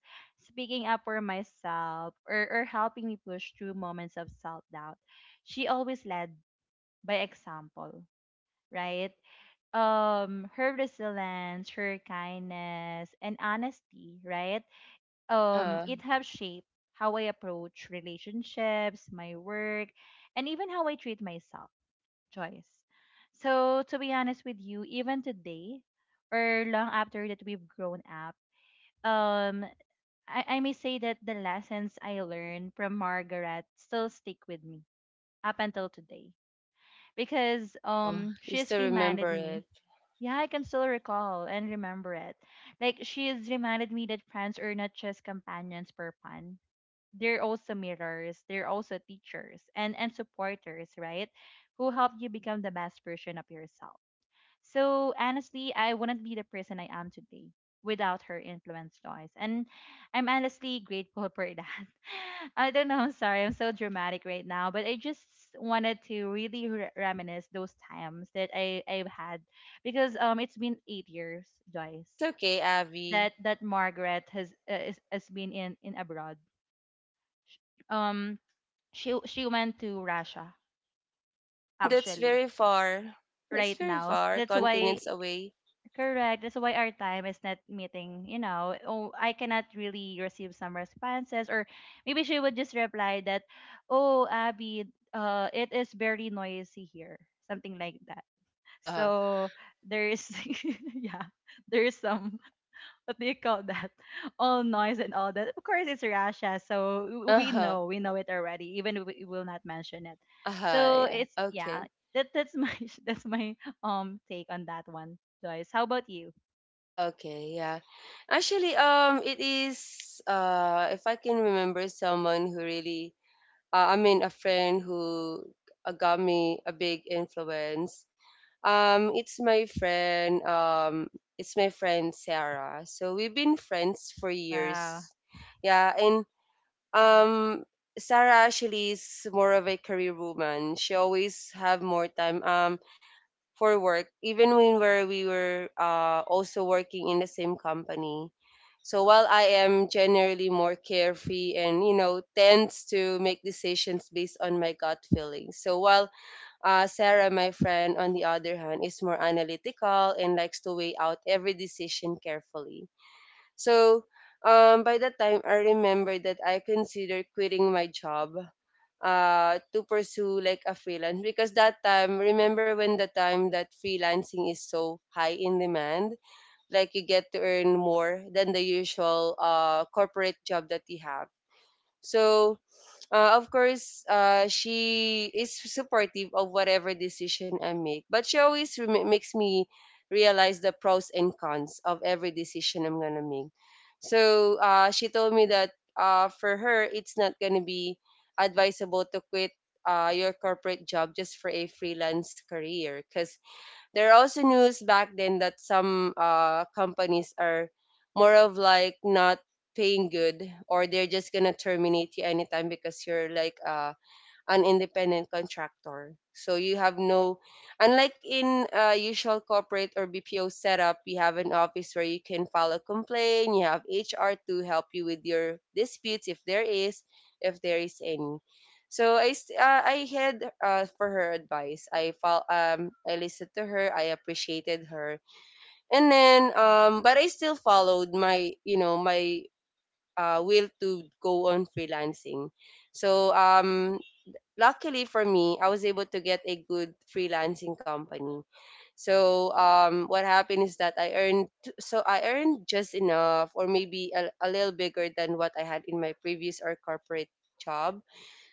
speaking up for myself, or, or helping me push through moments of self-doubt, she always led by example, right? Um, her resilience, her kindness, and honesty, right? um Uh, It have shaped how I approach relationships, my work, and even how I treat myself, choice. So to be honest with you, even today, or long after that we've grown up, um, I, I may say that the lessons I learned from Margaret still stick with me up until today, because oh, um you she's still reminded remember me. it. Yeah, I can still recall and remember it. Like she has reminded me that friends are not just companions for fun. They're also mirrors, they're also teachers and and supporters, right? Who help you become the best version of yourself. So honestly, I wouldn't be the person I am today without her influence, Joyce. And I'm honestly grateful for that. <laughs> I don't know. I'm sorry. I'm so dramatic right now, but I just wanted to really re- reminisce those times that I I've had, because um it's been eight years, Joyce, It's okay, Abby. that that Margaret has uh, is, has been in in abroad. Um, she she went to Russia Mm, that's actually very far. That's right very now. S- far. That's why. Continents away. <laughs> Correct. That's why our time is not meeting, you know. Oh, I cannot really receive some responses. Or maybe she would just reply that, oh, Abby, uh, it is very noisy here. Something like that. Uh-huh. So there is, <laughs> yeah, there is some, what do you call that? <laughs> All noise and all that. Of course, it's Russia. So w- we Uh-huh. know, we know it already, even if we will not mention it. Uh-huh. So Yeah. it's, yeah, Okay. that, that's my, <laughs> that's my um take on that one, Joyce. How about you? Ah, okay, yeah. Actually, um, it is uh, if I can remember someone who really, uh, I mean, a friend who uh, got me a big influence. Um, it's my friend. Um, it's my friend Sarah. So we've been friends for Wow. years. Yeah, and um, Sarah actually is more of a career woman. She always have more time um for work, even when where we were uh also working in the same company. So while I am generally more carefree and, you know, tends to make decisions based on my gut feeling. So while uh, Sarah, my friend, on the other hand, is more analytical and likes to weigh out every decision carefully. So, um, by that time, I remember that I considered quitting my job uh, to pursue like a freelance, because that time, remember when the time that freelancing is so high in demand, like you get to earn more than the usual uh, corporate job that you have. So, uh, of course, uh, she is supportive of whatever decision I make, but she always rem- makes me realize the pros and cons of every decision I'm gonna make. So uh, she told me that uh, for her, it's not gonna be advisable to quit uh, your corporate job just for a freelance career, because there are also news back then that some uh, companies are more of like not paying good, or they're just gonna terminate you anytime because you're like uh an independent contractor. So you have no, unlike in uh, usual corporate or B P O setup, you have an office where you can file a complaint. You have H R to help you with your disputes if there is, if there is any. So I s- uh, I had uh, for her advice. I fol- um I listened to her. I appreciated her, and then um but I still followed my, you know, my uh, will to go on freelancing. So um luckily for me, I was able to get a good freelancing company. So um, what happened is that I earned so I earned just enough, or maybe a, a little bigger than what I had in my previous or corporate job.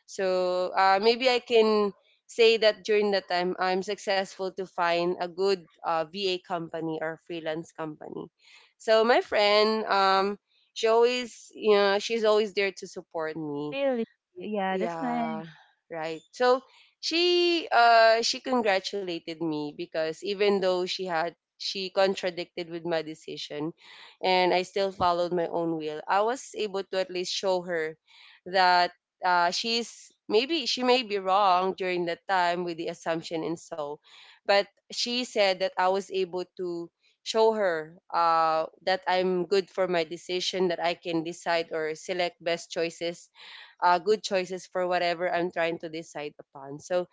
So uh, maybe I can say that during that time I'm successful to find a good uh, V A company or freelance company. So my friend, um, she always, you know, she's always there to support me. Really? Yeah, that's nice. Yeah, right. So she uh she congratulated me because even though she had she contradicted with my decision and I still followed my own will, I was able to at least show her that uh she's maybe she may be wrong during that time with the assumption. And so but she said that I was able to show her uh that I'm good for my decision, that I can decide or select best choices, uh, good choices for whatever I'm trying to decide upon. So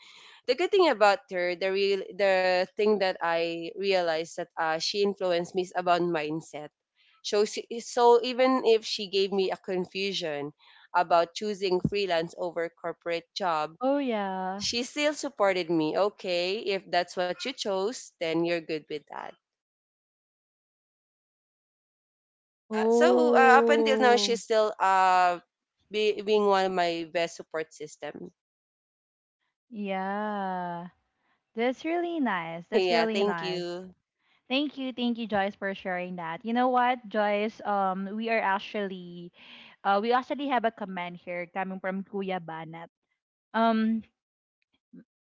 the good thing about her, the real the thing that I realized that uh, she influenced me is about mindset. So she, so even if she gave me a confusion about choosing freelance over corporate job, Oh, yeah. she still supported me. Okay, if that's what you chose, then you're good with that. Yeah. So uh, up until now, she's Oh, still uh be, being one of my best support system. yeah. That's really nice. <laughs> That's Yeah. really Thank nice. you. Thank you, thank you, Joyce, for sharing that. You know what, Joyce? Um, we are actually, uh, we actually have a comment here coming from Kuya Banat. Um,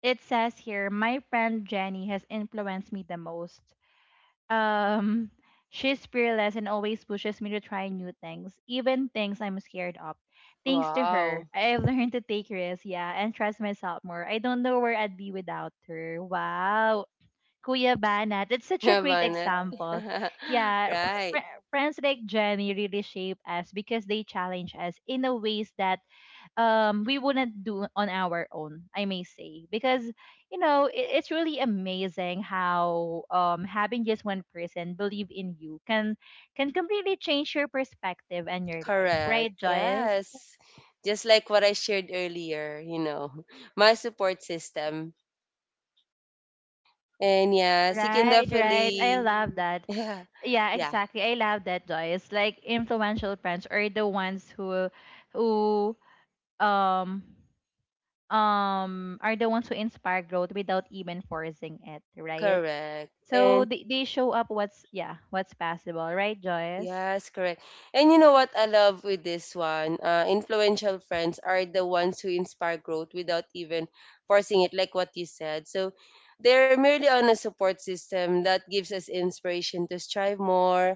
it says here, my friend Jenny has influenced me the most. Um, she's fearless and always pushes me to try new things, even things I'm scared of. Thanks to her, Wow, I've <laughs> learned to take risks, yeah, and trust myself more. I don't know where I'd be without her. Wow. Kuya Banat, that's such a Kuya great Banat. example. <laughs> Yeah, fr- Right, fr- friends like Jenny really shape us because they challenge us in a ways that um we wouldn't do on our own, I may say, because you know it, it's really amazing how um having just one person believe in you can can completely change your perspective and your life, correct. right, Joyce? Yes. Just like what I shared earlier, you know, <laughs> my support system. And yes, you can Right, right, I definitely, love hmm that. <laughs> yeah, Yeah, yeah, exactly, I love that, Joyce. Like influential friends are the ones who who um um are the ones who inspire growth without even forcing it, right? correct. So And they, they show up what's, yeah, what's possible, right, Joyce? yes, correct. And you know what I love with this one? Uh, influential friends are the ones who inspire growth without even forcing it, like what you said. So they're merely on a support system that gives us inspiration to strive more,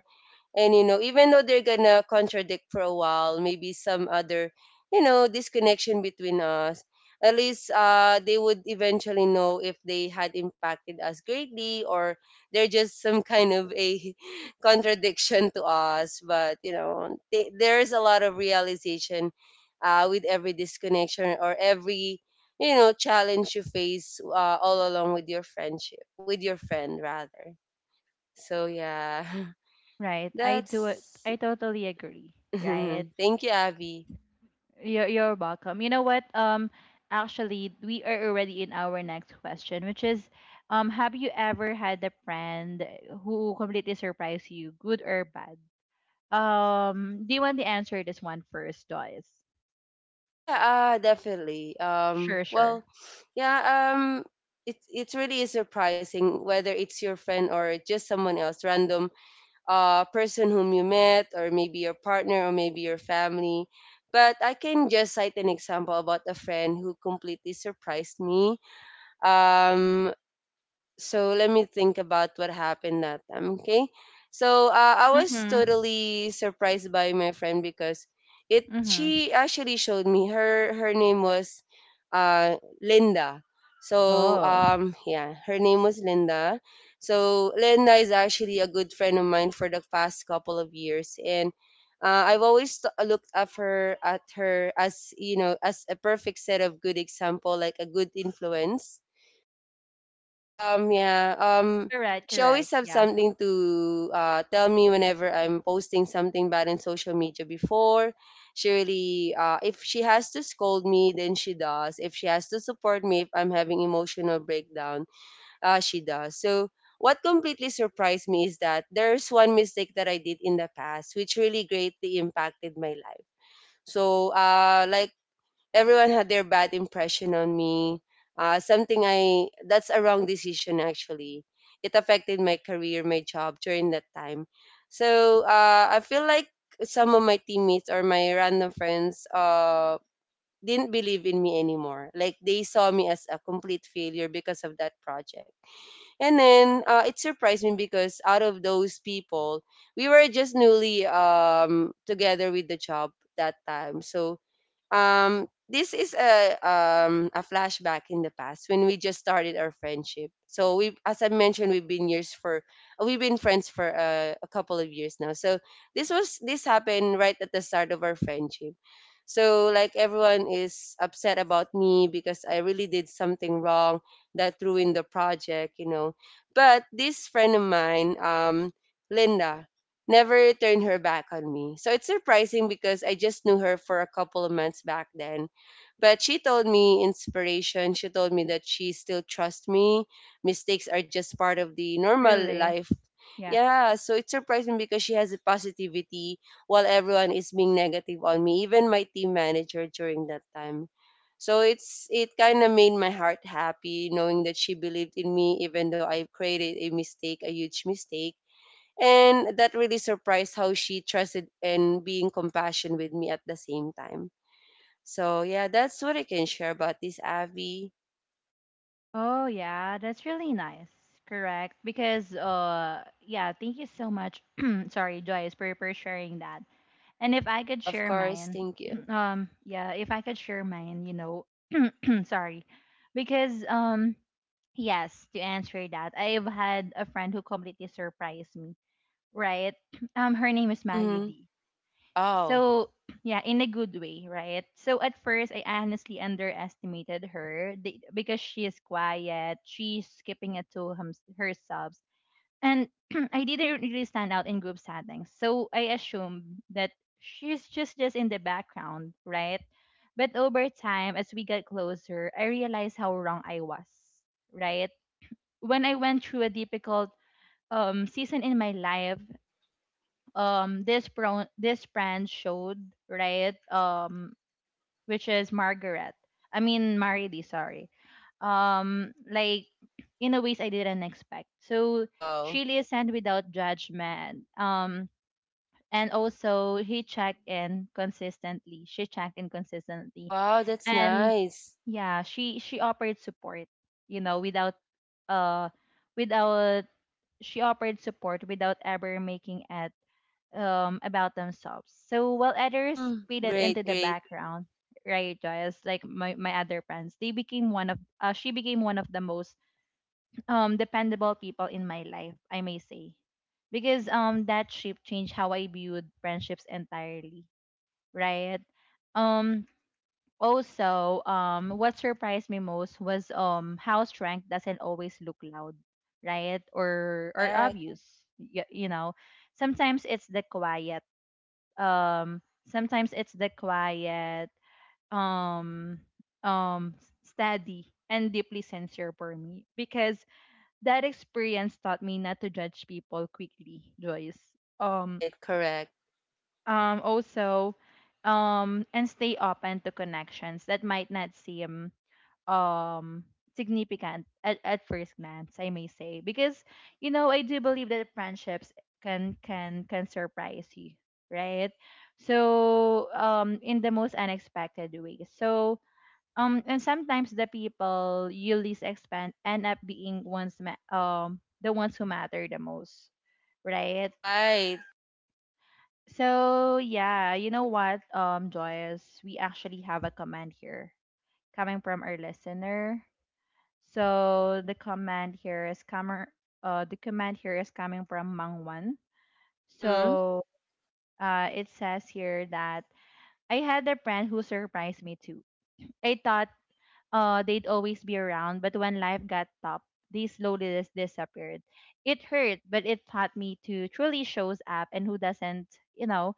and you know, even though they're gonna contradict for a while, maybe some other, you know, disconnection between us, at least uh, they would eventually know if they had impacted us greatly, or they're just some kind of a <laughs> contradiction to us. But you know, th- there's a lot of realization uh, with every disconnection or every, you know, challenge you face uh, all along with your friendship with your friend rather. So yeah. Right. <laughs> I do it That's I totally agree. Right. <laughs> thank you, Abby. You're you're welcome. You know what? Um actually we are already in our next question, which is um have you ever had a friend who completely surprised you, good or bad? Um do you want to answer this one first, Joyce? Oh yeah, uh, definitely. Um, Sure, sure. well, yeah, um, it it really is surprising whether it's your friend or just someone else, random uh person whom you met, or maybe your partner, or maybe your family. But I can just cite an example about a friend who completely surprised me. Um, so let me think about what happened that time. Okay, so uh, I was Mm-hmm. totally surprised by my friend because it Mm-hmm. she actually showed me her. Her name was uh Linda. So Oh. um yeah, her name was Linda. So Linda is actually a good friend of mine for the past couple of years, and uh, I've always t- looked up her at her as, you know, as a perfect set of good example, like a good influence. Um, yeah. Um, Correct, she correct. always have Yeah. something to uh, tell me whenever I'm posting something bad in social media before. She really, uh, if she has to scold me, then she does. If she has to support me, if I'm having emotional breakdown, uh, she does. So what completely surprised me is that there's one mistake that I did in the past, which really greatly impacted my life. So, uh, like everyone had their bad impression on me. Uh, something I that's a wrong decision actually. It affected my career, my job during that time. So uh, I feel like some of my teammates or my random friends uh, didn't believe in me anymore. Like they saw me as a complete failure because of that project. And then uh, it surprised me because out of those people, we were just newly um, together with the job that time. So um, this is a um, a flashback in the past when we just started our friendship. So we, as I mentioned, we've been years for we've been friends for uh, a couple of years now. So this was this happened right at the start of our friendship. So like everyone is upset about me because I really did something wrong that ruined the project, you know. But this friend of mine, um, Linda, never turned her back on me. So it's surprising because I just knew her for a couple of months back then. But she told me inspiration. She told me that she still trusts me. Mistakes are just part of the normal Really? life. Yeah, so it's surprising because she has a positivity while everyone is being negative on me, even my team manager during that time. So it's it kind of made my heart happy knowing that she believed in me even though I created a mistake, a huge mistake, and that really surprised how she trusted and being compassion with me at the same time. So yeah, that's what I can share about this, Abby. Oh yeah, that's really nice. Correct. Because uh yeah, thank you so much. <clears throat> Sorry, Joyce, for, for sharing that. And if I could Yeah, of share course. mine, Thank you. <clears throat> um yeah, if I could share mine, you know, <clears throat> sorry. Because um yes, to answer that, I've had a friend who completely surprised me, right? <clears throat> Um, her name is Mary Mm-hmm. D, Oh, so <clears throat> yeah, in a good way, right? So at first I honestly underestimated her, the- because she is quiet, she's skipping it to hum- her subs, and <clears throat> I didn't really stand out in group settings, so I assumed that she's just just in the background, right? But over time as we got closer, I realized how wrong I was, right? When I went through a difficult um season in my life, um this pro this brand showed, right? um which is Margaret, I mean Marily, sorry. um like in a ways I didn't expect. So wow. she listened without judgment, um and also he checked in consistently, she checked in consistently. Wow, that's And nice. yeah, she she offered support, you know, without uh without, she offered support without ever making it um, about themselves. So while others Mm, faded great, into the great. background, right, Joyce, like my, my other friends, they became one of, uh, she became one of the most um, dependable people in my life, I may say. Because um, that shift changed how I viewed friendships entirely, right? Um, also, um, what surprised me most was um, how strength doesn't always look loud, right? Or, or Correct. obvious, you, you know. Sometimes it's the quiet um sometimes it's the quiet um um steady and deeply sincere for me because that experience taught me not to judge people quickly, Joyce. um Right, correct. um also um and stay open to connections that might not seem um significant at, at first glance, I may say, because you know I do believe that friendships can can can surprise you, right? So um in the most unexpected ways. So um and sometimes the people you least expect end up being ones ma- um the ones who matter the most, right? Right. So yeah, you know what, um Joyous, we actually have a comment here coming from our listener. So the command here is coming. Uh, the command here is coming from Mangwan. Mm-hmm. So uh, it says here that I had a friend who surprised me too. I thought uh, they'd always be around, but when life got tough, they slowly dis- disappeared. It hurt, but it taught me to truly shows up and who doesn't, you know,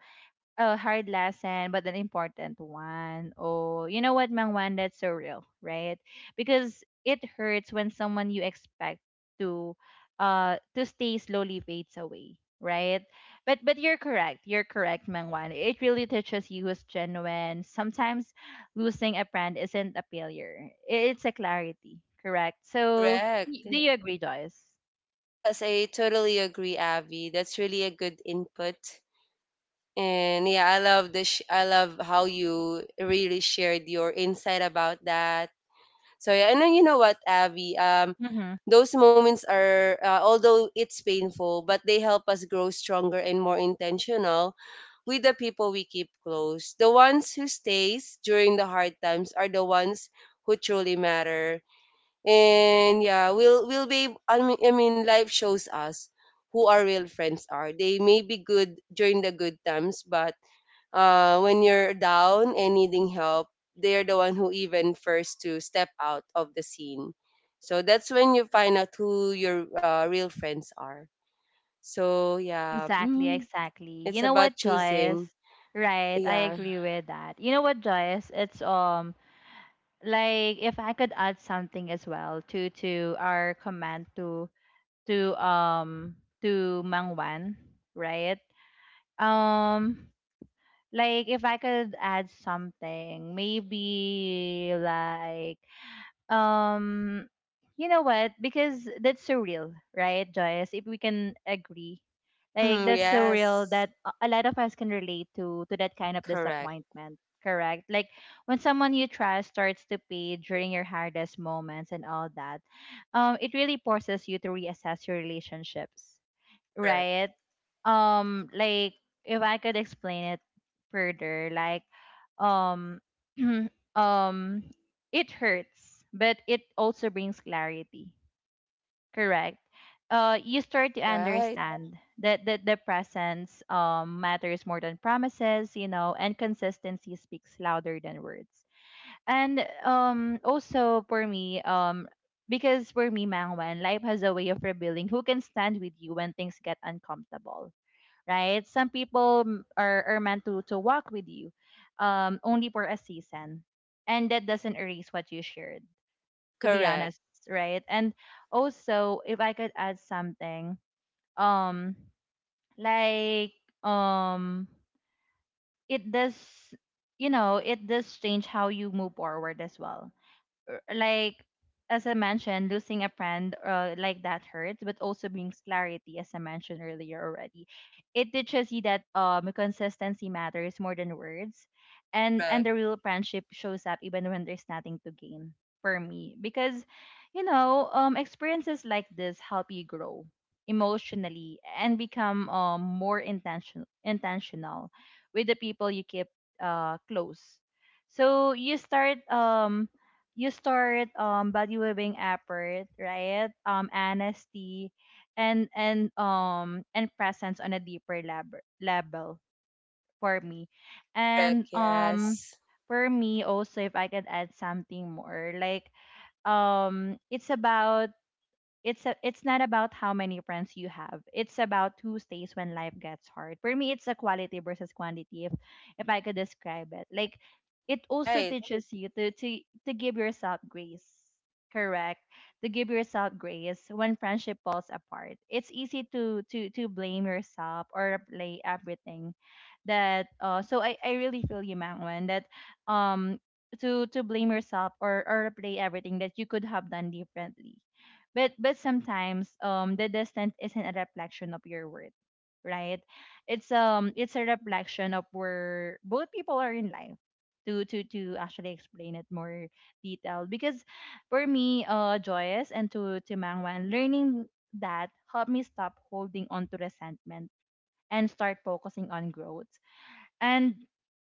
a hard lesson, but an important one. Oh, you know what, Mang Juan? That's so real, right? Because it hurts when someone you expect to uh to stay slowly fades away, right? But but you're correct. You're correct, Mang Juan. It really touches you who's genuine. Sometimes losing a friend isn't a failure. It's a clarity, correct? So Correct. y- do you agree, Joyce? Yes, I totally agree, Abby. That's really a good input. And yeah, I love the sh- I love how you really shared your insight about that. So yeah, and then you know what, Abby, um, Mm-hmm. those moments are uh, although it's painful, but they help us grow stronger and more intentional with the people we keep close. The ones who stays during the hard times are the ones who truly matter. And yeah, we'll we'll be ab- I mean, I mean life shows us who our real friends are. They may be good during the good times, but uh, when you're down and needing help, they're the one who even first to step out of the scene. So that's when you find out who your uh, real friends are. So yeah, Exactly, mm, exactly. it's You know about what, choosing. Joyce? Right, I Yeah. agree with that. You know what, Joyce? It's um like if I could add something as well to to our comment to to um to Mangwan, right? Um like if I could add something, maybe like um, you know what? Because that's so real, right, Joyce? If we can agree, like Hmm, that's so real yes. that a a lot of us can relate to to that kind of Correct. disappointment. Correct. Like when someone you trust starts to pay during your hardest moments and all that, um, it really forces you to reassess your relationships, Correct. right? Um, like if I could explain it further, like um <clears throat> um it hurts, but it also brings clarity. Correct. Uh, you start to Right. understand that, that the presence um, matters more than promises, you know, and consistency speaks louder than words. And um also for me, um because for me, Mangwan, life has a way of revealing who can stand with you when things get uncomfortable, right? Some people m- are, are meant to to walk with you, um, only for a season, and that doesn't erase what you shared. To be Correct. honest, right? And also, if I could add something, um, like um, it does, you know, it does change how you move forward as well, r- like as I mentioned, losing a friend, uh, like that hurts, but also brings clarity, as I mentioned earlier already. It teaches you that um consistency matters more than words, and and Correct. the real friendship shows up even when there's nothing to gain for me because, you know, um experiences like this help you grow emotionally and become um more intention intentional with the people you keep uh close. So you start um you start um valuing effort, right? Um, honesty and and um and presence on a deeper level level for me. And Correct. right. um Yes. for me also, if I could add something more, like um it's about it's a, it's not about how many friends you have. It's about who stays when life gets hard. For me, it's a quality versus quantity if if I could describe it. Like it also Right. teaches you to to to give yourself grace. Correct. To give yourself grace when friendship falls apart. It's easy to to to blame yourself or play everything that uh, so I, I really feel you, Mangwan, that um to to blame yourself or or play everything that you could have done differently, but but sometimes um the distance isn't a reflection of your worth, right? It's um it's a reflection of where both people are in life, to to to actually explain it more detailed because for me, uh Joyous, and to to Mangwan, learning that helped me stop holding on to resentment and start focusing on growth. And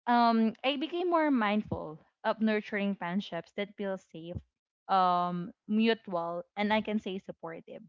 um, I became more mindful of nurturing friendships that feel safe, um, mutual, and I can say supportive.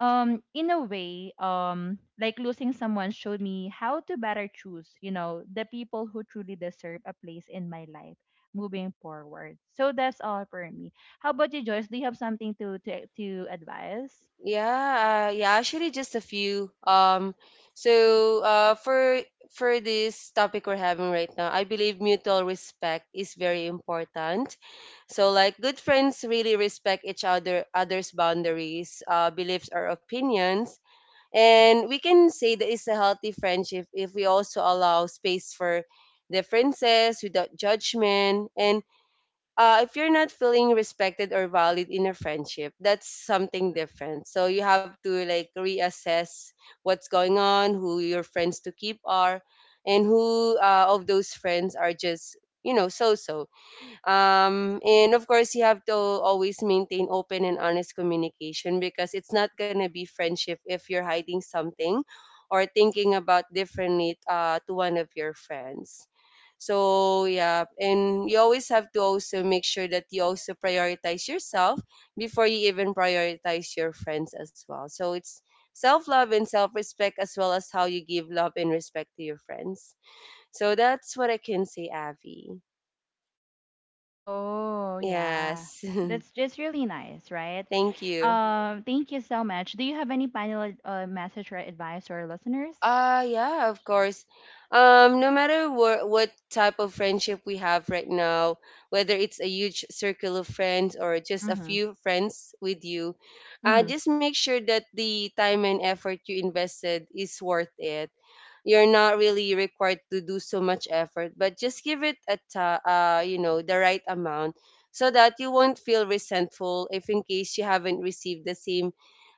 Um, in a way, um, like losing someone showed me how to better choose, you know, the people who truly deserve a place in my life moving forward. So that's all for me. How about you, Joyce? Do you have something to to, to advise? Yeah, uh, yeah, actually just a few. Um, so uh, for for this topic we're having right now, I believe mutual respect is very important. So like good friends really respect each other others' boundaries, uh, beliefs or opinions. And we can say that it's a healthy friendship if we also allow space for differences without judgment. And uh, if you're not feeling respected or valued in a friendship, that's something different. So you have to like reassess what's going on, who your friends to keep are, and who uh, of those friends are just you know so so. Um, and of course, you have to always maintain open and honest communication because it's not going to be friendship if you're hiding something or thinking about differently uh, to one of your friends. So, yeah, and you always have to also make sure that you also prioritize yourself before you even prioritize your friends as well. So, it's self love and self respect as well as how you give love and respect to your friends. So, that's what I can say, Avi. Oh, yeah. Yes. That's <laughs> just really nice, right? Thank you. Um, thank you so much. Do you have any final ad- uh, message or advice to our listeners? Uh yeah, of course. Um no matter what what type of friendship we have right now, whether it's a huge circle of friends or just a Mm-hmm. few friends with you, uh Mm-hmm. just make sure that the time and effort you invested is worth it. You're not really required to do so much effort, but just give it a ta- uh you know, the right amount so that you won't feel resentful if in case you haven't received the same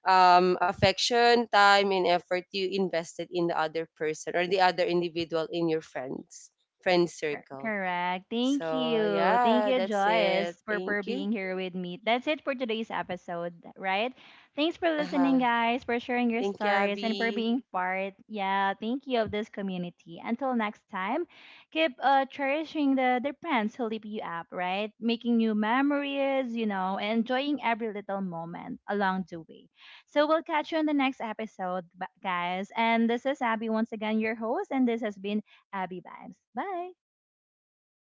um, affection, time, and effort you invested in the other person or the other individual in your friends friend Cor- circle. Correct. Thank So you. Thank yeah, you, that's it. Joyce, for, for Thank you. being <laughs> here with me. That's it for today's episode, right? Thanks for listening, Uh-huh. guys, for sharing your Thank you, stories and for Abby. being part, yeah, thank you, of this community. Until next time, keep uh, cherishing the, the friends who lift you up, right? Making new memories, you know, and enjoying every little moment along the way. So we'll catch you on the next episode, bu- guys. And this is Abby once again, your host, and this has been Abby Vibes. Bye.